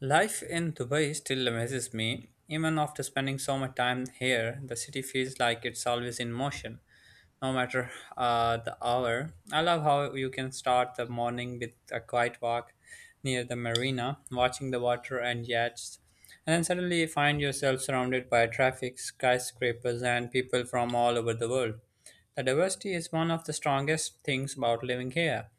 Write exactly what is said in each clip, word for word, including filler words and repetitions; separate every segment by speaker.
Speaker 1: Life in Dubai still amazes me. Even after spending so much time here, the city feels like it's always in motion, no matter uh, the hour. I love how you can start the morning with a quiet walk near the marina, watching the water and yachts, and then suddenly you find yourself surrounded by traffic, skyscrapers, and people from all over the world. The diversity is one of the strongest things about living here.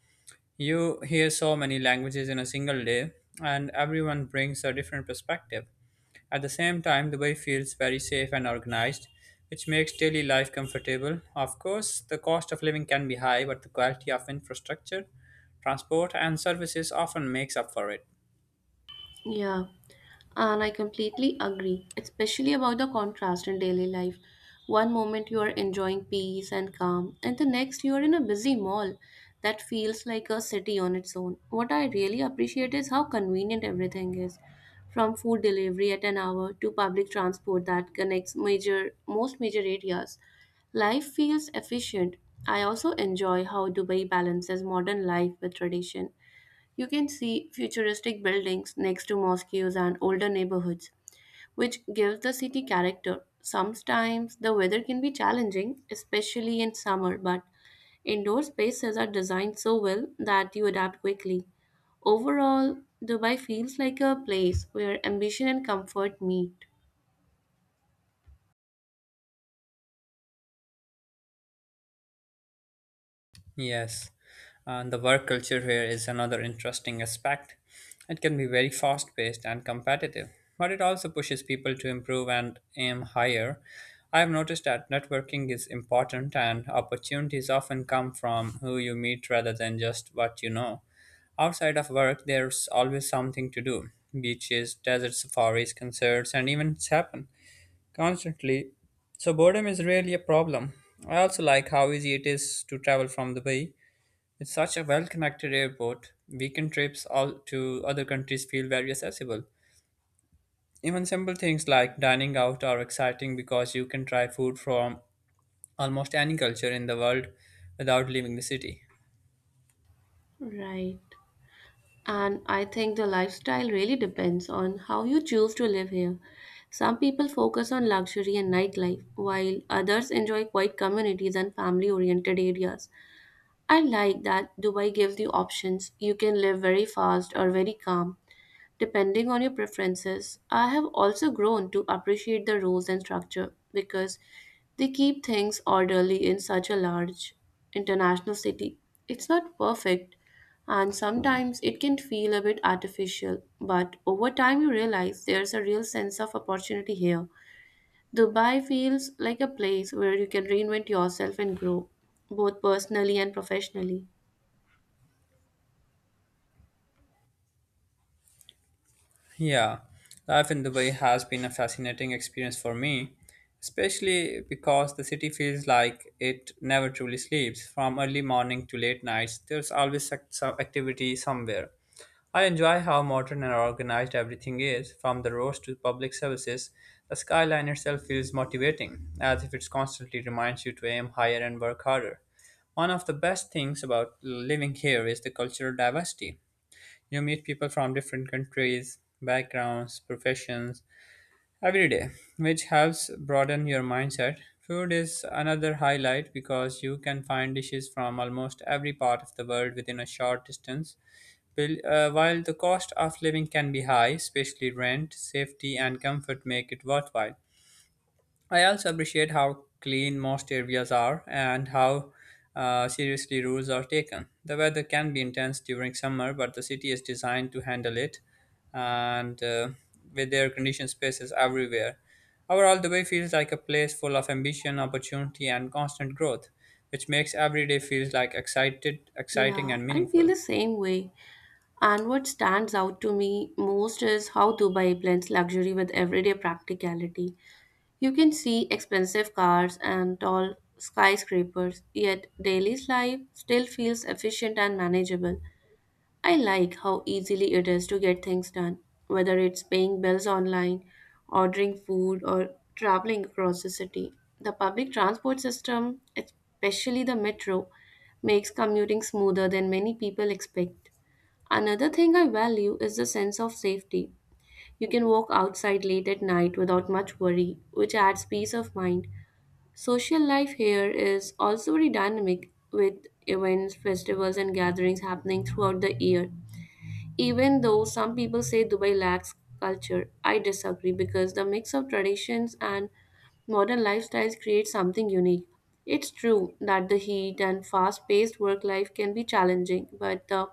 Speaker 1: You hear so many languages in a single day, and everyone brings a different perspective. At the same time, Dubai feels very safe and organized, which makes daily life comfortable. Of course, the cost of living can be high, but the quality of infrastructure, transport, and services often makes up for it.
Speaker 2: Yeah, and I completely agree, especially about the contrast in daily life. One moment you are enjoying peace and calm, and the next you are in a busy mall that feels like a city on its own. What I really appreciate is how convenient everything is, from food delivery at an hour to public transport that connects major most major areas. Life feels efficient. I also enjoy how Dubai balances modern life with tradition. You can see futuristic buildings next to mosques and older neighborhoods, which gives the city character. Sometimes the weather can be challenging, especially in summer, but indoor spaces are designed so well that you adapt quickly. Overall, Dubai feels like a place where ambition and comfort meet.
Speaker 1: Yes, and the work culture here is another interesting aspect. It can be very fast paced and competitive, but it also pushes people to improve and aim higher. I have noticed that networking is important and opportunities often come from who you meet rather than just what you know. Outside of work, there's always something to do: beaches, desert safaris, concerts, and events happen constantly. So, boredom is really a problem. I also like how easy it is to travel from the bay with such a well-connected airport, weekend trips all to other countries feel very accessible. Even simple things like dining out are exciting because you can try food from almost any culture in the world without leaving the city.
Speaker 2: Right. And I think the lifestyle really depends on how you choose to live here. Some people focus on luxury and nightlife, while others enjoy quiet communities and family oriented areas. I like that Dubai gives you options. You can live very fast or very calm, depending on your preferences. I have also grown to appreciate the rules and structure because they keep things orderly in such a large international city. It's not perfect, and sometimes it can feel a bit artificial, but over time you realize there's a real sense of opportunity here. Dubai feels like a place where you can reinvent yourself and grow, both personally and professionally.
Speaker 1: Yeah, life in Dubai has been a fascinating experience for me, especially because the city feels like it never truly sleeps. From early morning to late nights, there's always ac- some activity somewhere. I enjoy how modern and organized everything is, from the roads to public services. The skyline itself feels motivating, as if it constantly reminds you to aim higher and work harder. One of the best things about living here is the cultural diversity. You meet people from different countries, backgrounds, professions every day, which helps broaden your mindset. Food is another highlight because you can find dishes from almost every part of the world within a short distance. Bill- uh, While the cost of living can be high, especially rent, safety, and comfort make it worthwhile. I also appreciate how clean most areas are and how uh, seriously rules are taken. The weather can be intense during summer, but the city is designed to handle it, and uh, with air conditioned spaces everywhere. Overall, the Dubai feels like a place full of ambition, opportunity, and constant growth, which makes every day feels like excited, exciting,
Speaker 2: Yeah,
Speaker 1: and
Speaker 2: I feel
Speaker 1: meaningful.
Speaker 2: the same way. And what stands out to me most is how Dubai blends luxury with everyday practicality. You can see expensive cars and tall skyscrapers, yet daily life still feels efficient and manageable. I like how easily it is to get things done, whether it's paying bills online, ordering food, or traveling across the city. The public transport system, especially the metro, makes commuting smoother than many people expect. Another thing I value is the sense of safety. You can walk outside late at night without much worry, which adds peace of mind. Social life here is also very dynamic, with events, festivals, and gatherings happening throughout the year. Even though some people say Dubai lacks culture, I disagree because the mix of traditions and modern lifestyles creates something unique. It's true that the heat and fast paced work life can be challenging, but the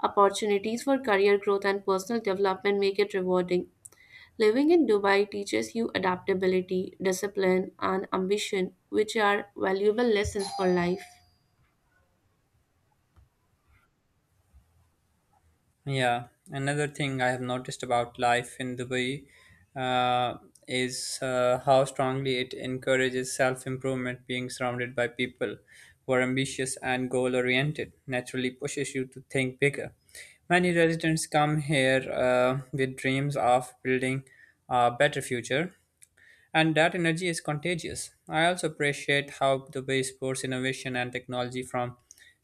Speaker 2: opportunities for career growth and personal development make it rewarding. Living in Dubai teaches you adaptability, discipline, and ambition, which are valuable lessons for life.
Speaker 1: Yeah, another thing I have noticed about life in Dubai uh, is uh, how strongly it encourages self improvement, being surrounded by people who are ambitious and goal oriented naturally pushes you to think bigger. Many residents come here uh, with dreams of building a better future, and that energy is contagious. I also appreciate how Dubai supports innovation and technology, from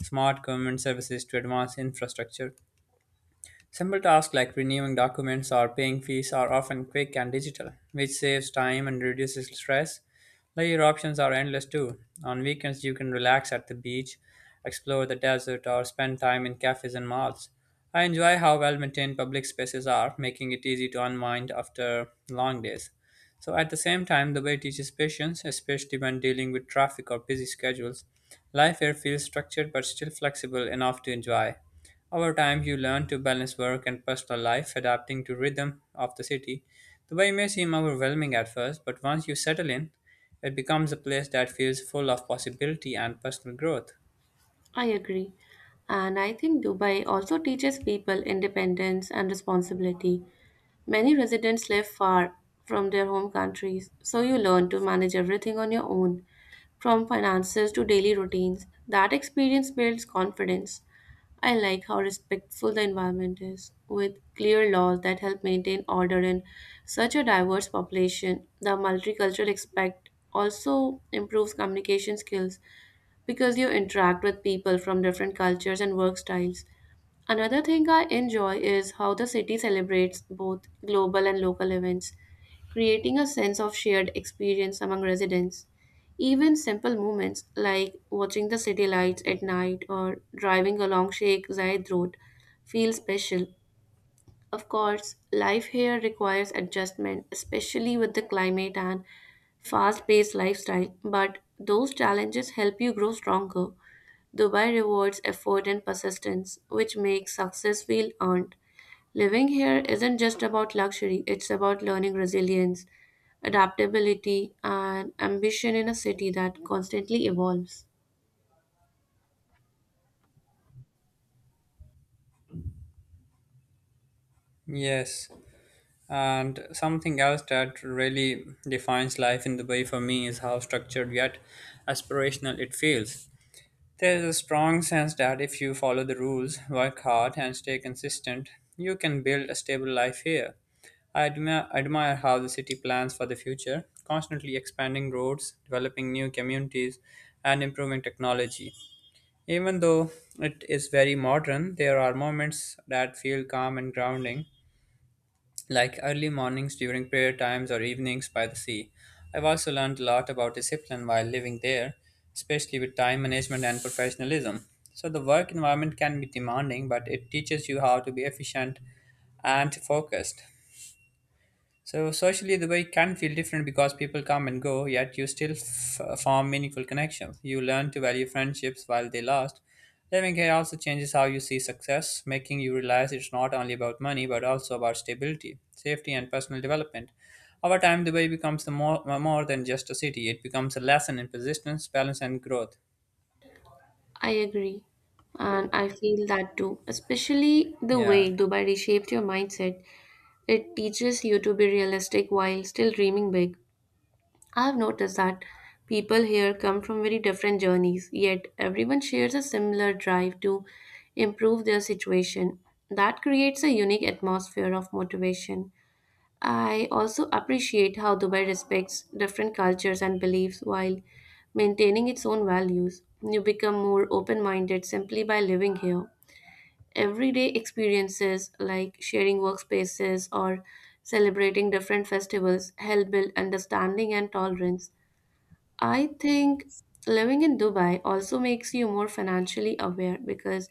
Speaker 1: smart government services to advanced infrastructure. Simple tasks like renewing documents or paying fees are often quick and digital, which saves time and reduces stress. Layer options are endless too. On weekends, you can relax at the beach, explore the desert, or spend time in cafes and malls. I enjoy how well maintained public spaces are, making it easy to unwind after long days. So, at the same time, the way teaches patience, especially when dealing with traffic or busy schedules. Life here feels structured but still flexible enough to enjoy. Over time, you learn to balance work and personal life, adapting to rhythm of the city. Dubai may seem overwhelming at first, but once you settle in, it becomes a place that feels full of possibility and personal growth.
Speaker 2: I agree. And I think Dubai also teaches people independence and responsibility. Many residents live far from their home countries, so you learn to manage everything on your own, from finances to daily routines. That experience builds confidence. I like how respectful the environment is, with clear laws that help maintain order in such a diverse population. The multicultural aspect also improves communication skills because you interact with people from different cultures and work styles. Another thing I enjoy is how the city celebrates both global and local events, creating a sense of shared experience among residents. Even simple moments like watching the city lights at night or driving along Sheikh Zayed Road feel special. Of course, life here requires adjustment, especially with the climate and fast paced lifestyle, but those challenges help you grow stronger. Dubai rewards effort and persistence, which makes success feel earned. Living here isn't just about luxury, it's about learning resilience, adaptability, and ambition in a city that constantly evolves.
Speaker 1: Yes, and something else that really defines life in Dubai for me is how structured yet aspirational it feels. There is a strong sense that if you follow the rules, work hard, and stay consistent, you can build a stable life here. I admire, admire how the city plans for the future, constantly expanding roads, developing new communities, and improving technology. Even though it is very modern, there are moments that feel calm and grounding, like early mornings during prayer times or evenings by the sea. I've also learned a lot about discipline while living there, especially with time management and professionalism. So, the work environment can be demanding, but it teaches you how to be efficient and focused. So socially, the way can feel different because people come and go, yet you still f- form meaningful connections. You learn to value friendships while they last. Living here also changes how you see success, making you realize it's not only about money but also about stability, safety, and personal development. Over time, the way becomes the more, more than just a city. It becomes a lesson in persistence, balance, and growth.
Speaker 2: I agree. And I feel that too, especially the
Speaker 1: Yeah,
Speaker 2: way Dubai reshaped your mindset. It teaches you to be realistic while still dreaming big. I've noticed that people here come from very different journeys, yet everyone shares a similar drive to improve their situation. That creates a unique atmosphere of motivation. I also appreciate how Dubai respects different cultures and beliefs while maintaining its own values. You become more open minded simply by living here. Everyday experiences like sharing workspaces or celebrating different festivals help build understanding and tolerance. I think living in Dubai also makes you more financially aware because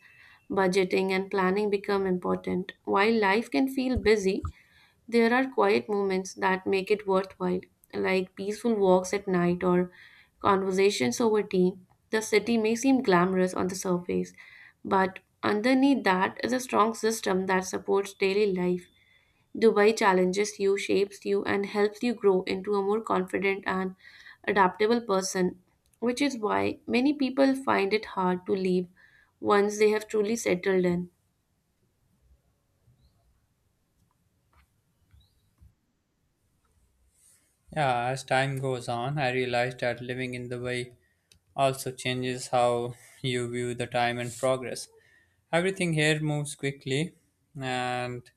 Speaker 2: budgeting and planning become important. While life can feel busy, there are quiet moments that make it worthwhile, like peaceful walks at night or conversations over tea. The city may seem glamorous on the surface, but underneath that is a strong system that supports daily life. Dubai challenges you, shapes you, and helps you grow into a more confident and adaptable person, which is why many people find it hard to leave once they have truly settled in.
Speaker 1: yeah. As time goes on, I realized that living in the way also changes how you view the time and progress. Everything here moves quickly, and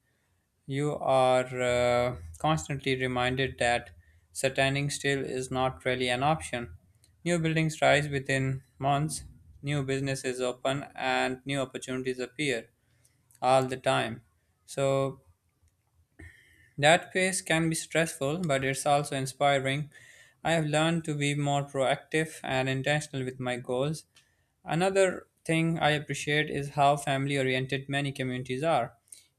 Speaker 1: you are uh, constantly reminded that standing still is not really an option. New buildings rise within months, new businesses open, and new opportunities appear all the time. So that phase can be stressful, but it's also inspiring. I have learned to be more proactive and intentional with my goals. Another thing I appreciate is how family oriented many communities are.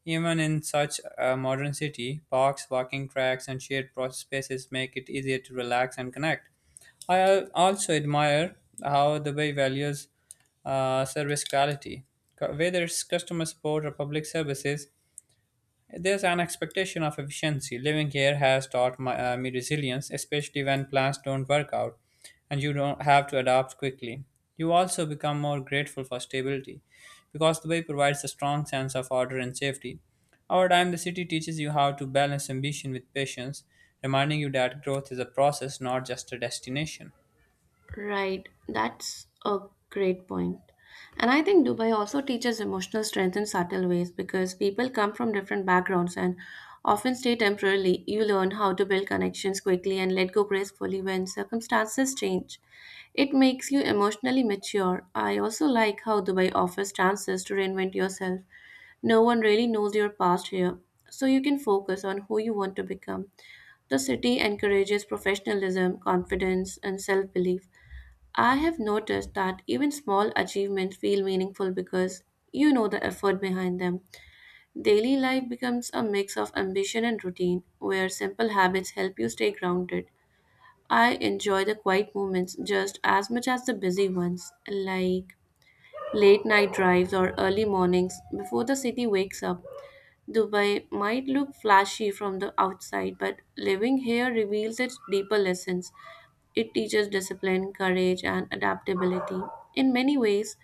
Speaker 1: Even in such a modern city, parks, walking tracks, and shared pro- spaces make it easier to relax and connect. I al- also admire how the Bay values uh, service quality. Co- Whether it's customer support or public services, there's an expectation of efficiency. Living here has taught my, uh, me resilience, especially when plans don't work out and you don't have to adapt quickly. You also become more grateful for stability because Dubai provides a strong sense of order and safety. Over time, the city teaches you how to balance ambition with patience, reminding you that growth is a process, not just a destination.
Speaker 2: Right, that's a great point. And I think Dubai also teaches emotional strength in subtle ways because people come from different backgrounds and often stay temporarily. You learn how to build connections quickly and let go gracefully when circumstances change. It makes you emotionally mature. I also like how Dubai offers chances to reinvent yourself. No one really knows your past here, so you can focus on who you want to become. The city encourages professionalism, confidence, and self belief. I have noticed that even small achievements feel meaningful because you know the effort behind them. Daily life becomes a mix of ambition and routine, where simple habits help you stay grounded. I enjoy the quiet moments just as much as the busy ones, like late night drives or early mornings before the city wakes up. Dubai might look flashy from the outside, but living here reveals its deeper lessons. It teaches discipline, courage, and adaptability. In many ways,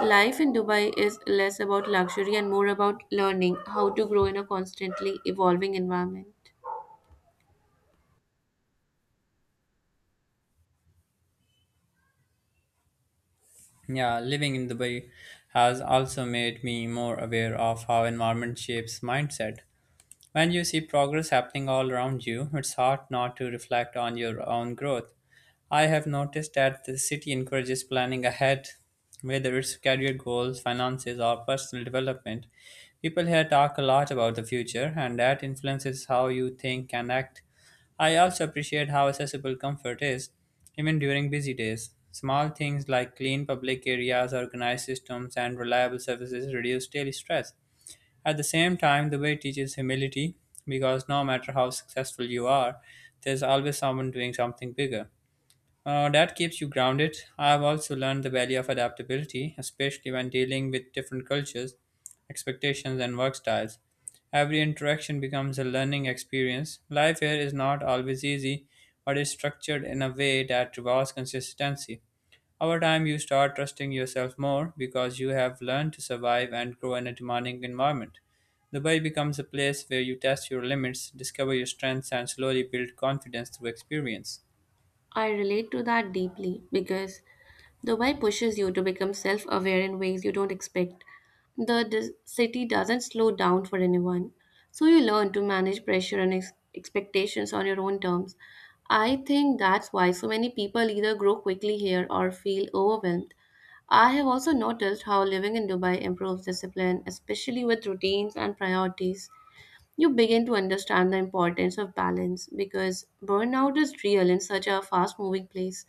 Speaker 2: life in Dubai is less about luxury and more about learning how to grow in a constantly evolving environment.
Speaker 1: Yeah, living in Dubai has also made me more aware of how environment shapes mindset. When you see progress happening all around you, it's hard not to reflect on your own growth. I have noticed that the city encourages planning ahead, whether it's career goals, finances, or personal development. People here talk a lot about the future, and that influences how you think and act. I also appreciate how accessible comfort is, even during busy days. Small things like clean public areas, organized systems, and reliable services reduce daily stress. At the same time, the way teaches humility because no matter how successful you are, there's always someone doing something bigger. Uh, that keeps you grounded. I've also learned the value of adaptability, especially when dealing with different cultures, expectations, and work styles. Every interaction becomes a learning experience. Life here is not always easy, but is structured in a way that rewards consistency. Over time, you start trusting yourself more because you have learned to survive and grow in a demanding environment. Dubai becomes a place where you test your limits, discover your strengths, and slowly build confidence through experience.
Speaker 2: I relate to that deeply because the why pushes you to become self aware in ways you don't expect. The dis- city doesn't slow down for anyone, so you learn to manage pressure and ex- expectations on your own terms. I think that's why so many people either grow quickly here or feel overwhelmed. I have also noticed how living in Dubai improves discipline, especially with routines and priorities. You begin to understand the importance of balance because burnout is real in such a fast moving place.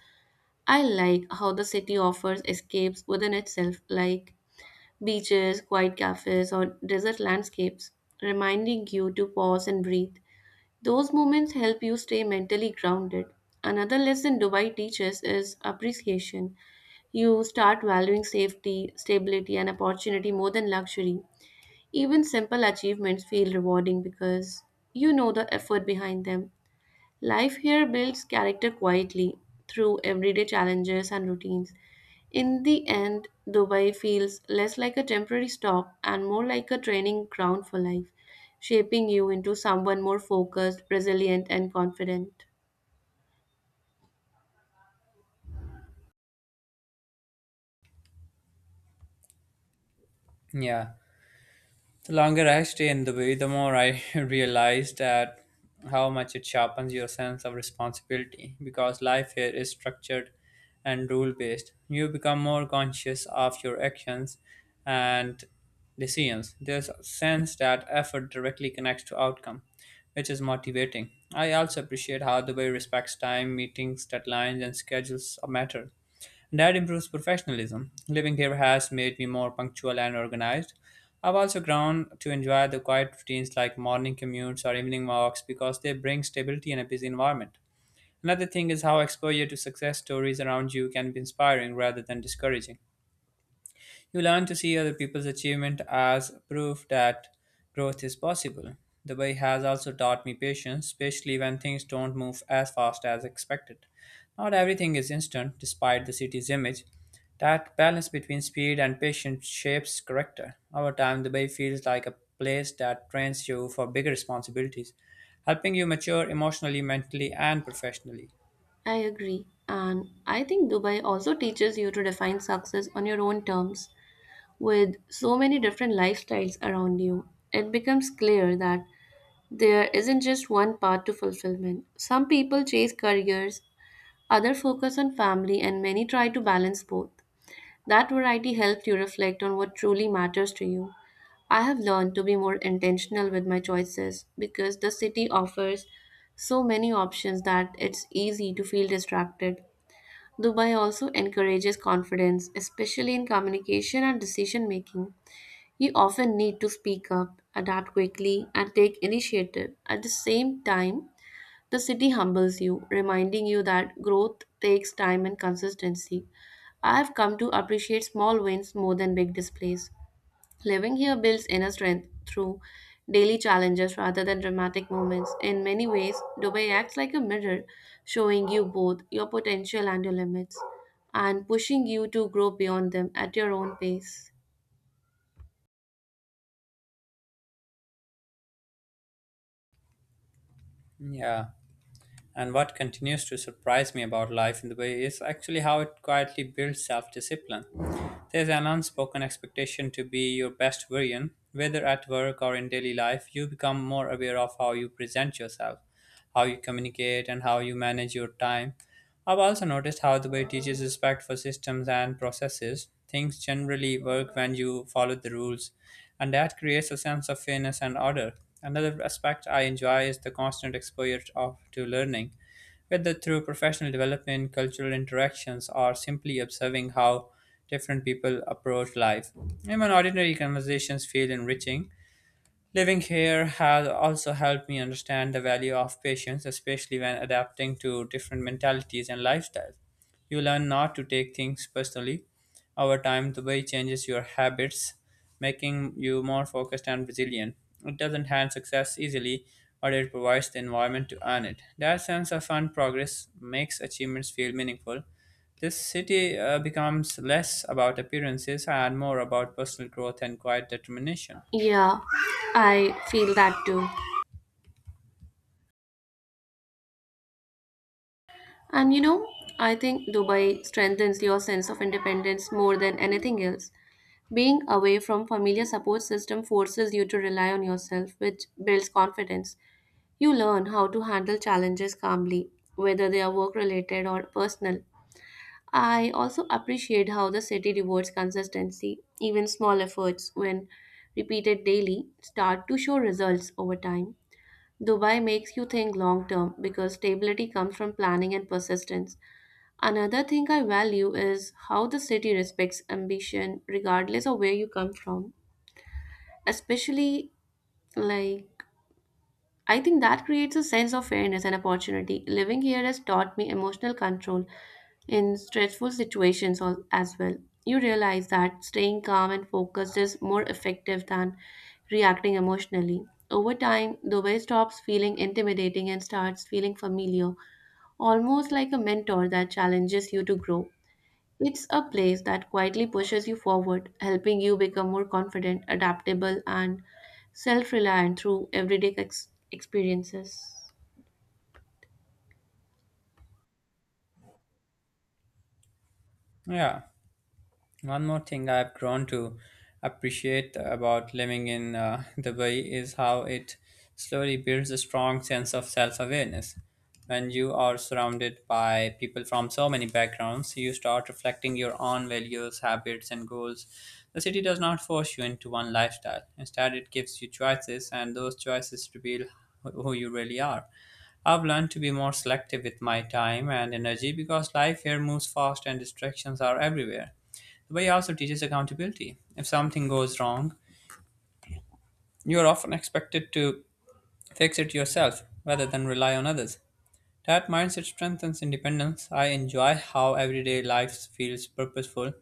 Speaker 2: I like how the city offers escapes within itself, like beaches, quiet cafes, or desert landscapes, reminding you to pause and breathe. Those moments help you stay mentally grounded. Another lesson Dubai teaches is appreciation. You start valuing safety, stability, and opportunity more than luxury. Even simple achievements feel rewarding because you know the effort behind them. Life here builds character quietly through everyday challenges and routines. In the end, Dubai feels less like a temporary stop and more like a training ground for life, shaping you into someone more focused, resilient, and confident.
Speaker 1: Yeah, the longer I stay in Dubai, the more I realize that how much it sharpens your sense of responsibility because life here is structured and rule based. You become more conscious of your actions and decisions. There's a sense that effort directly connects to outcome, which is motivating. I also appreciate how Dubai respects time, meetings, deadlines, and schedules matter that improves professionalism. Living here has made me more punctual and organized. I've also grown to enjoy the quiet routines like morning commutes or evening walks because they bring stability in a busy environment. Another thing is how exposure to success stories around you can be inspiring rather than discouraging. You learn to see other people's achievement as proof that growth is possible. Dubai has also taught me patience, especially when things don't move as fast as expected. Not everything is instant, despite the city's image. That balance between speed and patience shapes character. Over time, Dubai feels like a place that trains you for bigger responsibilities, helping you mature emotionally, mentally, and professionally.
Speaker 2: I agree. And I think Dubai also teaches you to define success on your own terms. With so many different lifestyles around you, it becomes clear that there isn't just one path to fulfillment. Some people chase careers, others focus on family, and many try to balance both. That variety helps you reflect on what truly matters to you. I have learned to be more intentional with my choices because the city offers so many options that it's easy to feel distracted. Dubai also encourages confidence, especially in communication and decision making. You often need to speak up, adapt quickly, and take initiative. At the same time, the city humbles you, reminding you that growth takes time and consistency. I've come to appreciate small wins more than big displays. Living here builds inner strength through daily challenges rather than dramatic moments. In many ways, Dubai acts like a mirror, showing you both your potential and your limits, and pushing you to grow beyond them at your own pace.
Speaker 1: Yeah. And what continues to surprise me about life in the way is actually how it quietly builds self discipline. There's an unspoken expectation to be your best version, whether at work or in daily life, you become more aware of how you present yourself, how you communicate, and how you manage your time. I've also noticed how the way teaches respect for systems and processes. Things generally work when you follow the rules, and that creates a sense of fairness and order. Another aspect I enjoy is the constant exposure of, to learning, whether through professional development, cultural interactions, or simply observing how different people approach life. Even ordinary conversations feel enriching. Living here has also helped me understand the value of patience, especially when adapting to different mentalities and lifestyles. You learn not to take things personally. Over time, the way changes your habits, making you more focused and resilient. It doesn't hand success easily, but it provides the environment to earn it. That sense of fun progress makes achievements feel meaningful. This city uh, becomes less about appearances and more about personal growth and quiet determination.
Speaker 2: Yeah, I feel that too. And you know, I think Dubai strengthens your sense of independence more than anything else. Being away from familiar support system forces you to rely on yourself, which builds confidence. You learn how to handle challenges calmly, whether they are work related or personal. I also appreciate how the city rewards consistency. Even small efforts, when repeated daily, start to show results over time. Dubai makes you think long term because stability comes from planning and persistence. Another thing I value is how the city respects ambition regardless of where you come from, especially like I think that creates a sense of fairness and opportunity. Living here has taught me emotional control in stressful situations al- as well. You realize that staying calm and focused is more effective than reacting emotionally. Over time, Dubai stops feeling intimidating and starts feeling familiar, almost like a mentor that challenges you to grow. It's a place that quietly pushes you forward, helping you become more confident, adaptable, and self reliant through everyday ex- experiences.
Speaker 1: Yeah. One more thing I've grown to appreciate about living in uh, Dubai is how it slowly builds a strong sense of self awareness. When you are surrounded by people from so many backgrounds, you start reflecting your own values, habits, and goals. The city does not force you into one lifestyle. Instead, it gives you choices, and those choices reveal who who you really are. I've learned to be more selective with my time and energy because life here moves fast and distractions are everywhere. The way also teaches accountability. If something goes wrong, you are often expected to fix it yourself rather than rely on others. That mindset strengthens independence. I enjoy how everyday life feels purposeful,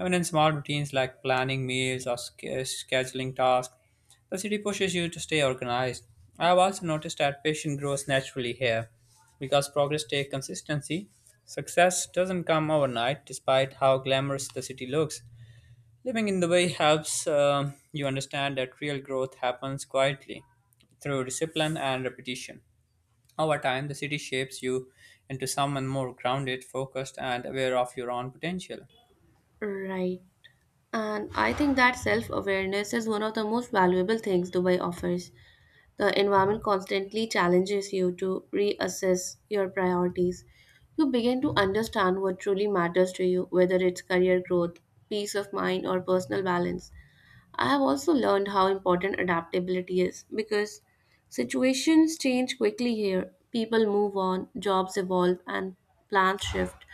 Speaker 1: even in small routines like planning meals or sch- scheduling tasks. The city pushes you to stay organized. I have also noticed that patience grows naturally here because progress takes consistency. Success doesn't come overnight, despite how glamorous the city looks. Living in the way helps um you understand that real growth happens quietly through discipline and repetition. Over time, the city shapes you into someone more grounded, focused, and aware of your own potential.
Speaker 2: Right. And I think that self awareness is one of the most valuable things Dubai offers. The environment constantly challenges you to reassess your priorities. You begin to understand what truly matters to you, whether it's career growth, peace of mind, or personal balance. I have also learned how important adaptability is because situations change quickly here. People move on, jobs evolve, and plans shift.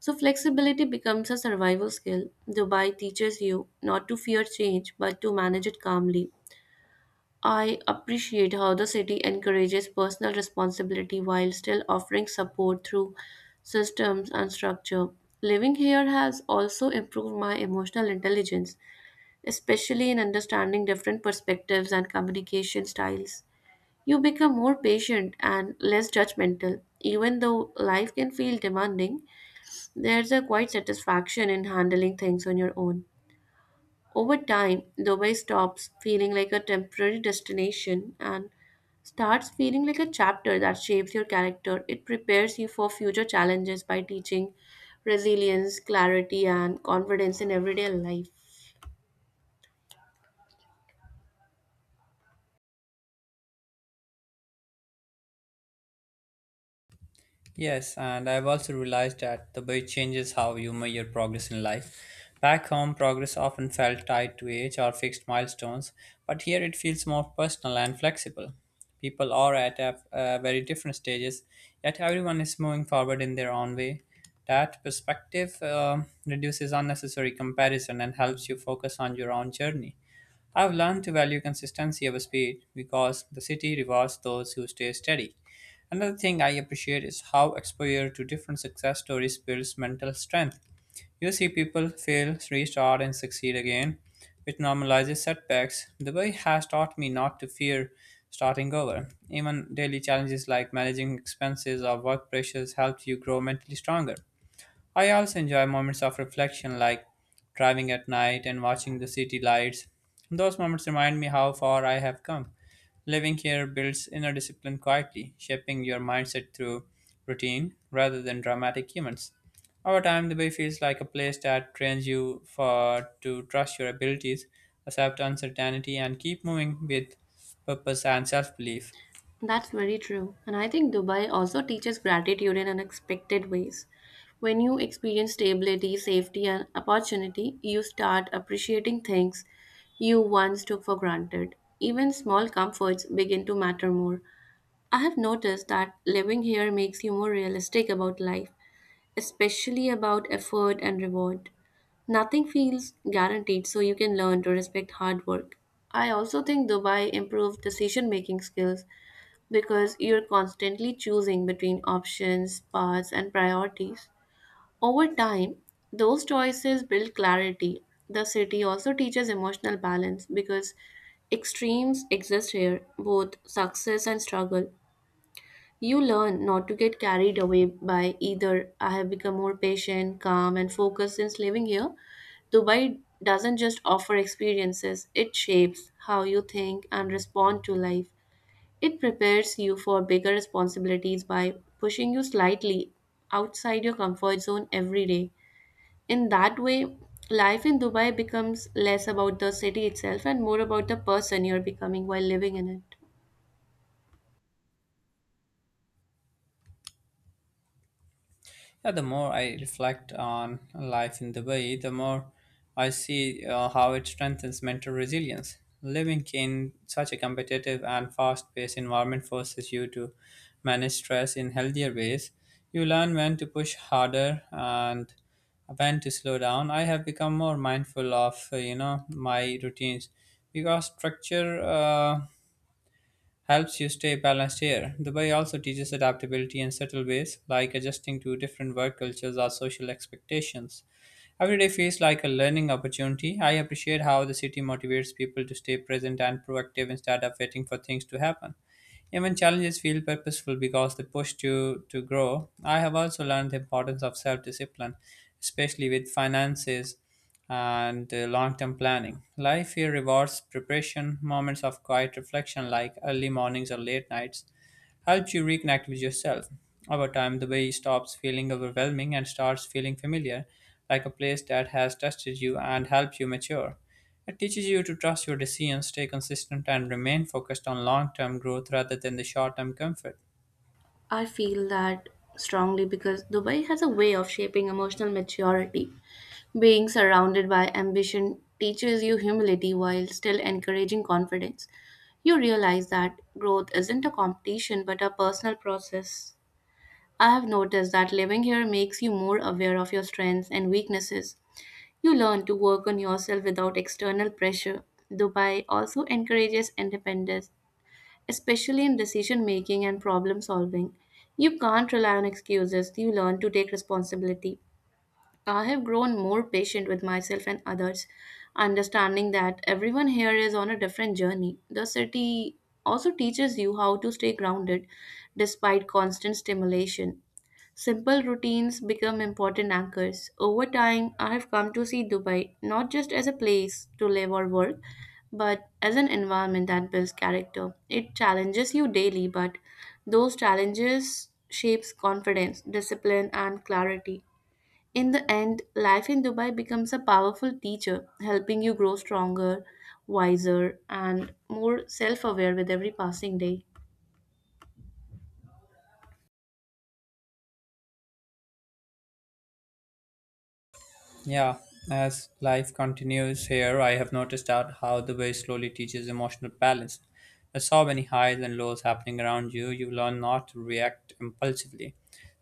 Speaker 2: So, flexibility becomes a survival skill. Dubai teaches you not to fear change but to manage it calmly. I appreciate how the city encourages personal responsibility while still offering support through systems and structure. Living here has also improved my emotional intelligence, especially in understanding different perspectives and communication styles. You become more patient and less judgmental. Even though life can feel demanding, there's a quiet satisfaction in handling things on your own. Over time, Dubai stops feeling like a temporary destination and starts feeling like a chapter that shapes your character. It prepares you for future challenges by teaching resilience, clarity, and confidence in everyday life.
Speaker 1: Yes, and I've also realized that the way changes how you measure progress in life. Back home, progress often felt tied to age or fixed milestones, but here it feels more personal and flexible. People are at a, uh, very different stages, yet everyone is moving forward in their own way. That perspective um reduces unnecessary comparison and helps you focus on your own journey. I've learned to value consistency over speed because the city rewards those who stay steady. Another thing I appreciate is how exposure to different success stories builds mental strength. You see people fail, restart, and succeed again, which normalizes setbacks. The way has taught me not to fear starting over. Even daily challenges like managing expenses or work pressures help you grow mentally stronger. I also enjoy moments of reflection, like driving at night and watching the city lights. Those moments remind me how far I have come. Living here builds inner discipline quietly, shaping your mindset through routine rather than dramatic events. Over time, the bay feels like a place that trains you for to trust your abilities, accept uncertainty, and keep moving with purpose and self-belief.
Speaker 2: That's very true. And I think Dubai also teaches gratitude in unexpected ways. When you experience stability, safety, and opportunity, you start appreciating things you once took for granted. Even small comforts begin to matter more. I have noticed that living here makes you more realistic about life, especially about effort and reward. Nothing feels guaranteed, so you can learn to respect hard work. I also think Dubai improved decision making skills because you're constantly choosing between options, paths, and priorities. Over time, those choices build clarity. The city also teaches emotional balance because extremes exist here, both success and struggle. You learn not to get carried away by either. I have become more patient, calm, and focused since living here. Dubai doesn't just offer experiences, it shapes how you think and respond to life. It prepares you for bigger responsibilities by pushing you slightly outside your comfort zone every day. In that way, life in Dubai becomes less about the city itself and more about the person you're becoming while living in it.
Speaker 1: Yeah, the more I reflect on life in Dubai, the more I see uh, how it strengthens mental resilience. Living in such a competitive and fast paced environment forces you to manage stress in healthier ways. You learn when to push harder and when to slow down. I have become more mindful of, uh, you know, my routines because structure uh, helps you stay balanced here. Dubai also teaches adaptability in subtle ways, like adjusting to different work cultures or social expectations. Every day feels like a learning opportunity. I appreciate how the city motivates people to stay present and proactive instead of waiting for things to happen. Even challenges feel purposeful because they push you to grow. I have also learned the importance of self discipline, especially with finances and long term planning. Life here rewards preparation, moments of quiet reflection like early mornings or late nights, helps you reconnect with yourself. Over time, the way stops feeling overwhelming and starts feeling familiar, like a place that has tested you and helped you mature. It teaches you to trust your decisions, stay consistent, and remain focused on long term growth rather than the short term comfort.
Speaker 2: I feel that strongly because Dubai has a way of shaping emotional maturity. Being surrounded by ambition teaches you humility while still encouraging confidence. You realize that growth isn't a competition but a personal process. I have noticed that living here makes you more aware of your strengths and weaknesses. You learn to work on yourself without external pressure. Dubai also encourages independence, especially in decision making and problem solving. You can't rely on excuses, you learn to take responsibility. I have grown more patient with myself and others, understanding that everyone here is on a different journey. The city also teaches you how to stay grounded despite constant stimulation. Simple routines become important anchors. Over time, I have come to see Dubai not just as a place to live or work, but as an environment that builds character. It challenges you daily, but those challenges shapes confidence, discipline, and clarity. In the end, life in Dubai becomes a powerful teacher, helping you grow stronger, wiser, and more self-aware with every passing day.
Speaker 1: Yeah, as life continues here, I have noticed out how the way slowly teaches emotional balance. With so many highs and lows happening around you, you learn not to react impulsively.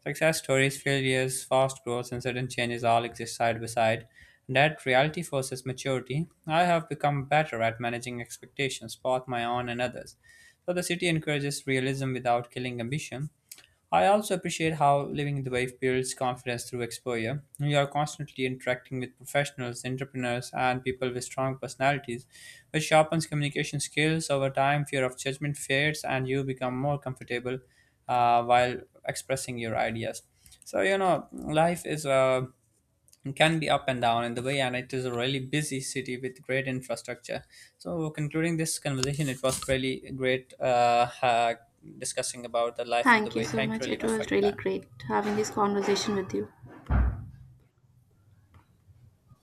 Speaker 1: Success stories, failures, fast growth, and sudden changes all exist side by side. That reality forces maturity. I have become better at managing expectations, both my own and others. So the city encourages realism without killing ambition. I also appreciate how living in the wave builds confidence through exposure. You are constantly interacting with professionals, entrepreneurs, and people with strong personalities, which sharpens communication skills over time. Fear of judgment fades, and you become more comfortable uh, while expressing your ideas. So you know, life is uh, it can be up and down in the way, and it is a really busy city with great infrastructure. So, concluding this conversation, it was really great uh, uh, discussing about the life in the
Speaker 2: Thank you
Speaker 1: way.
Speaker 2: so
Speaker 1: Thank you
Speaker 2: much.
Speaker 1: really
Speaker 2: It
Speaker 1: much for
Speaker 2: was
Speaker 1: your
Speaker 2: really
Speaker 1: time.
Speaker 2: great having this conversation with you.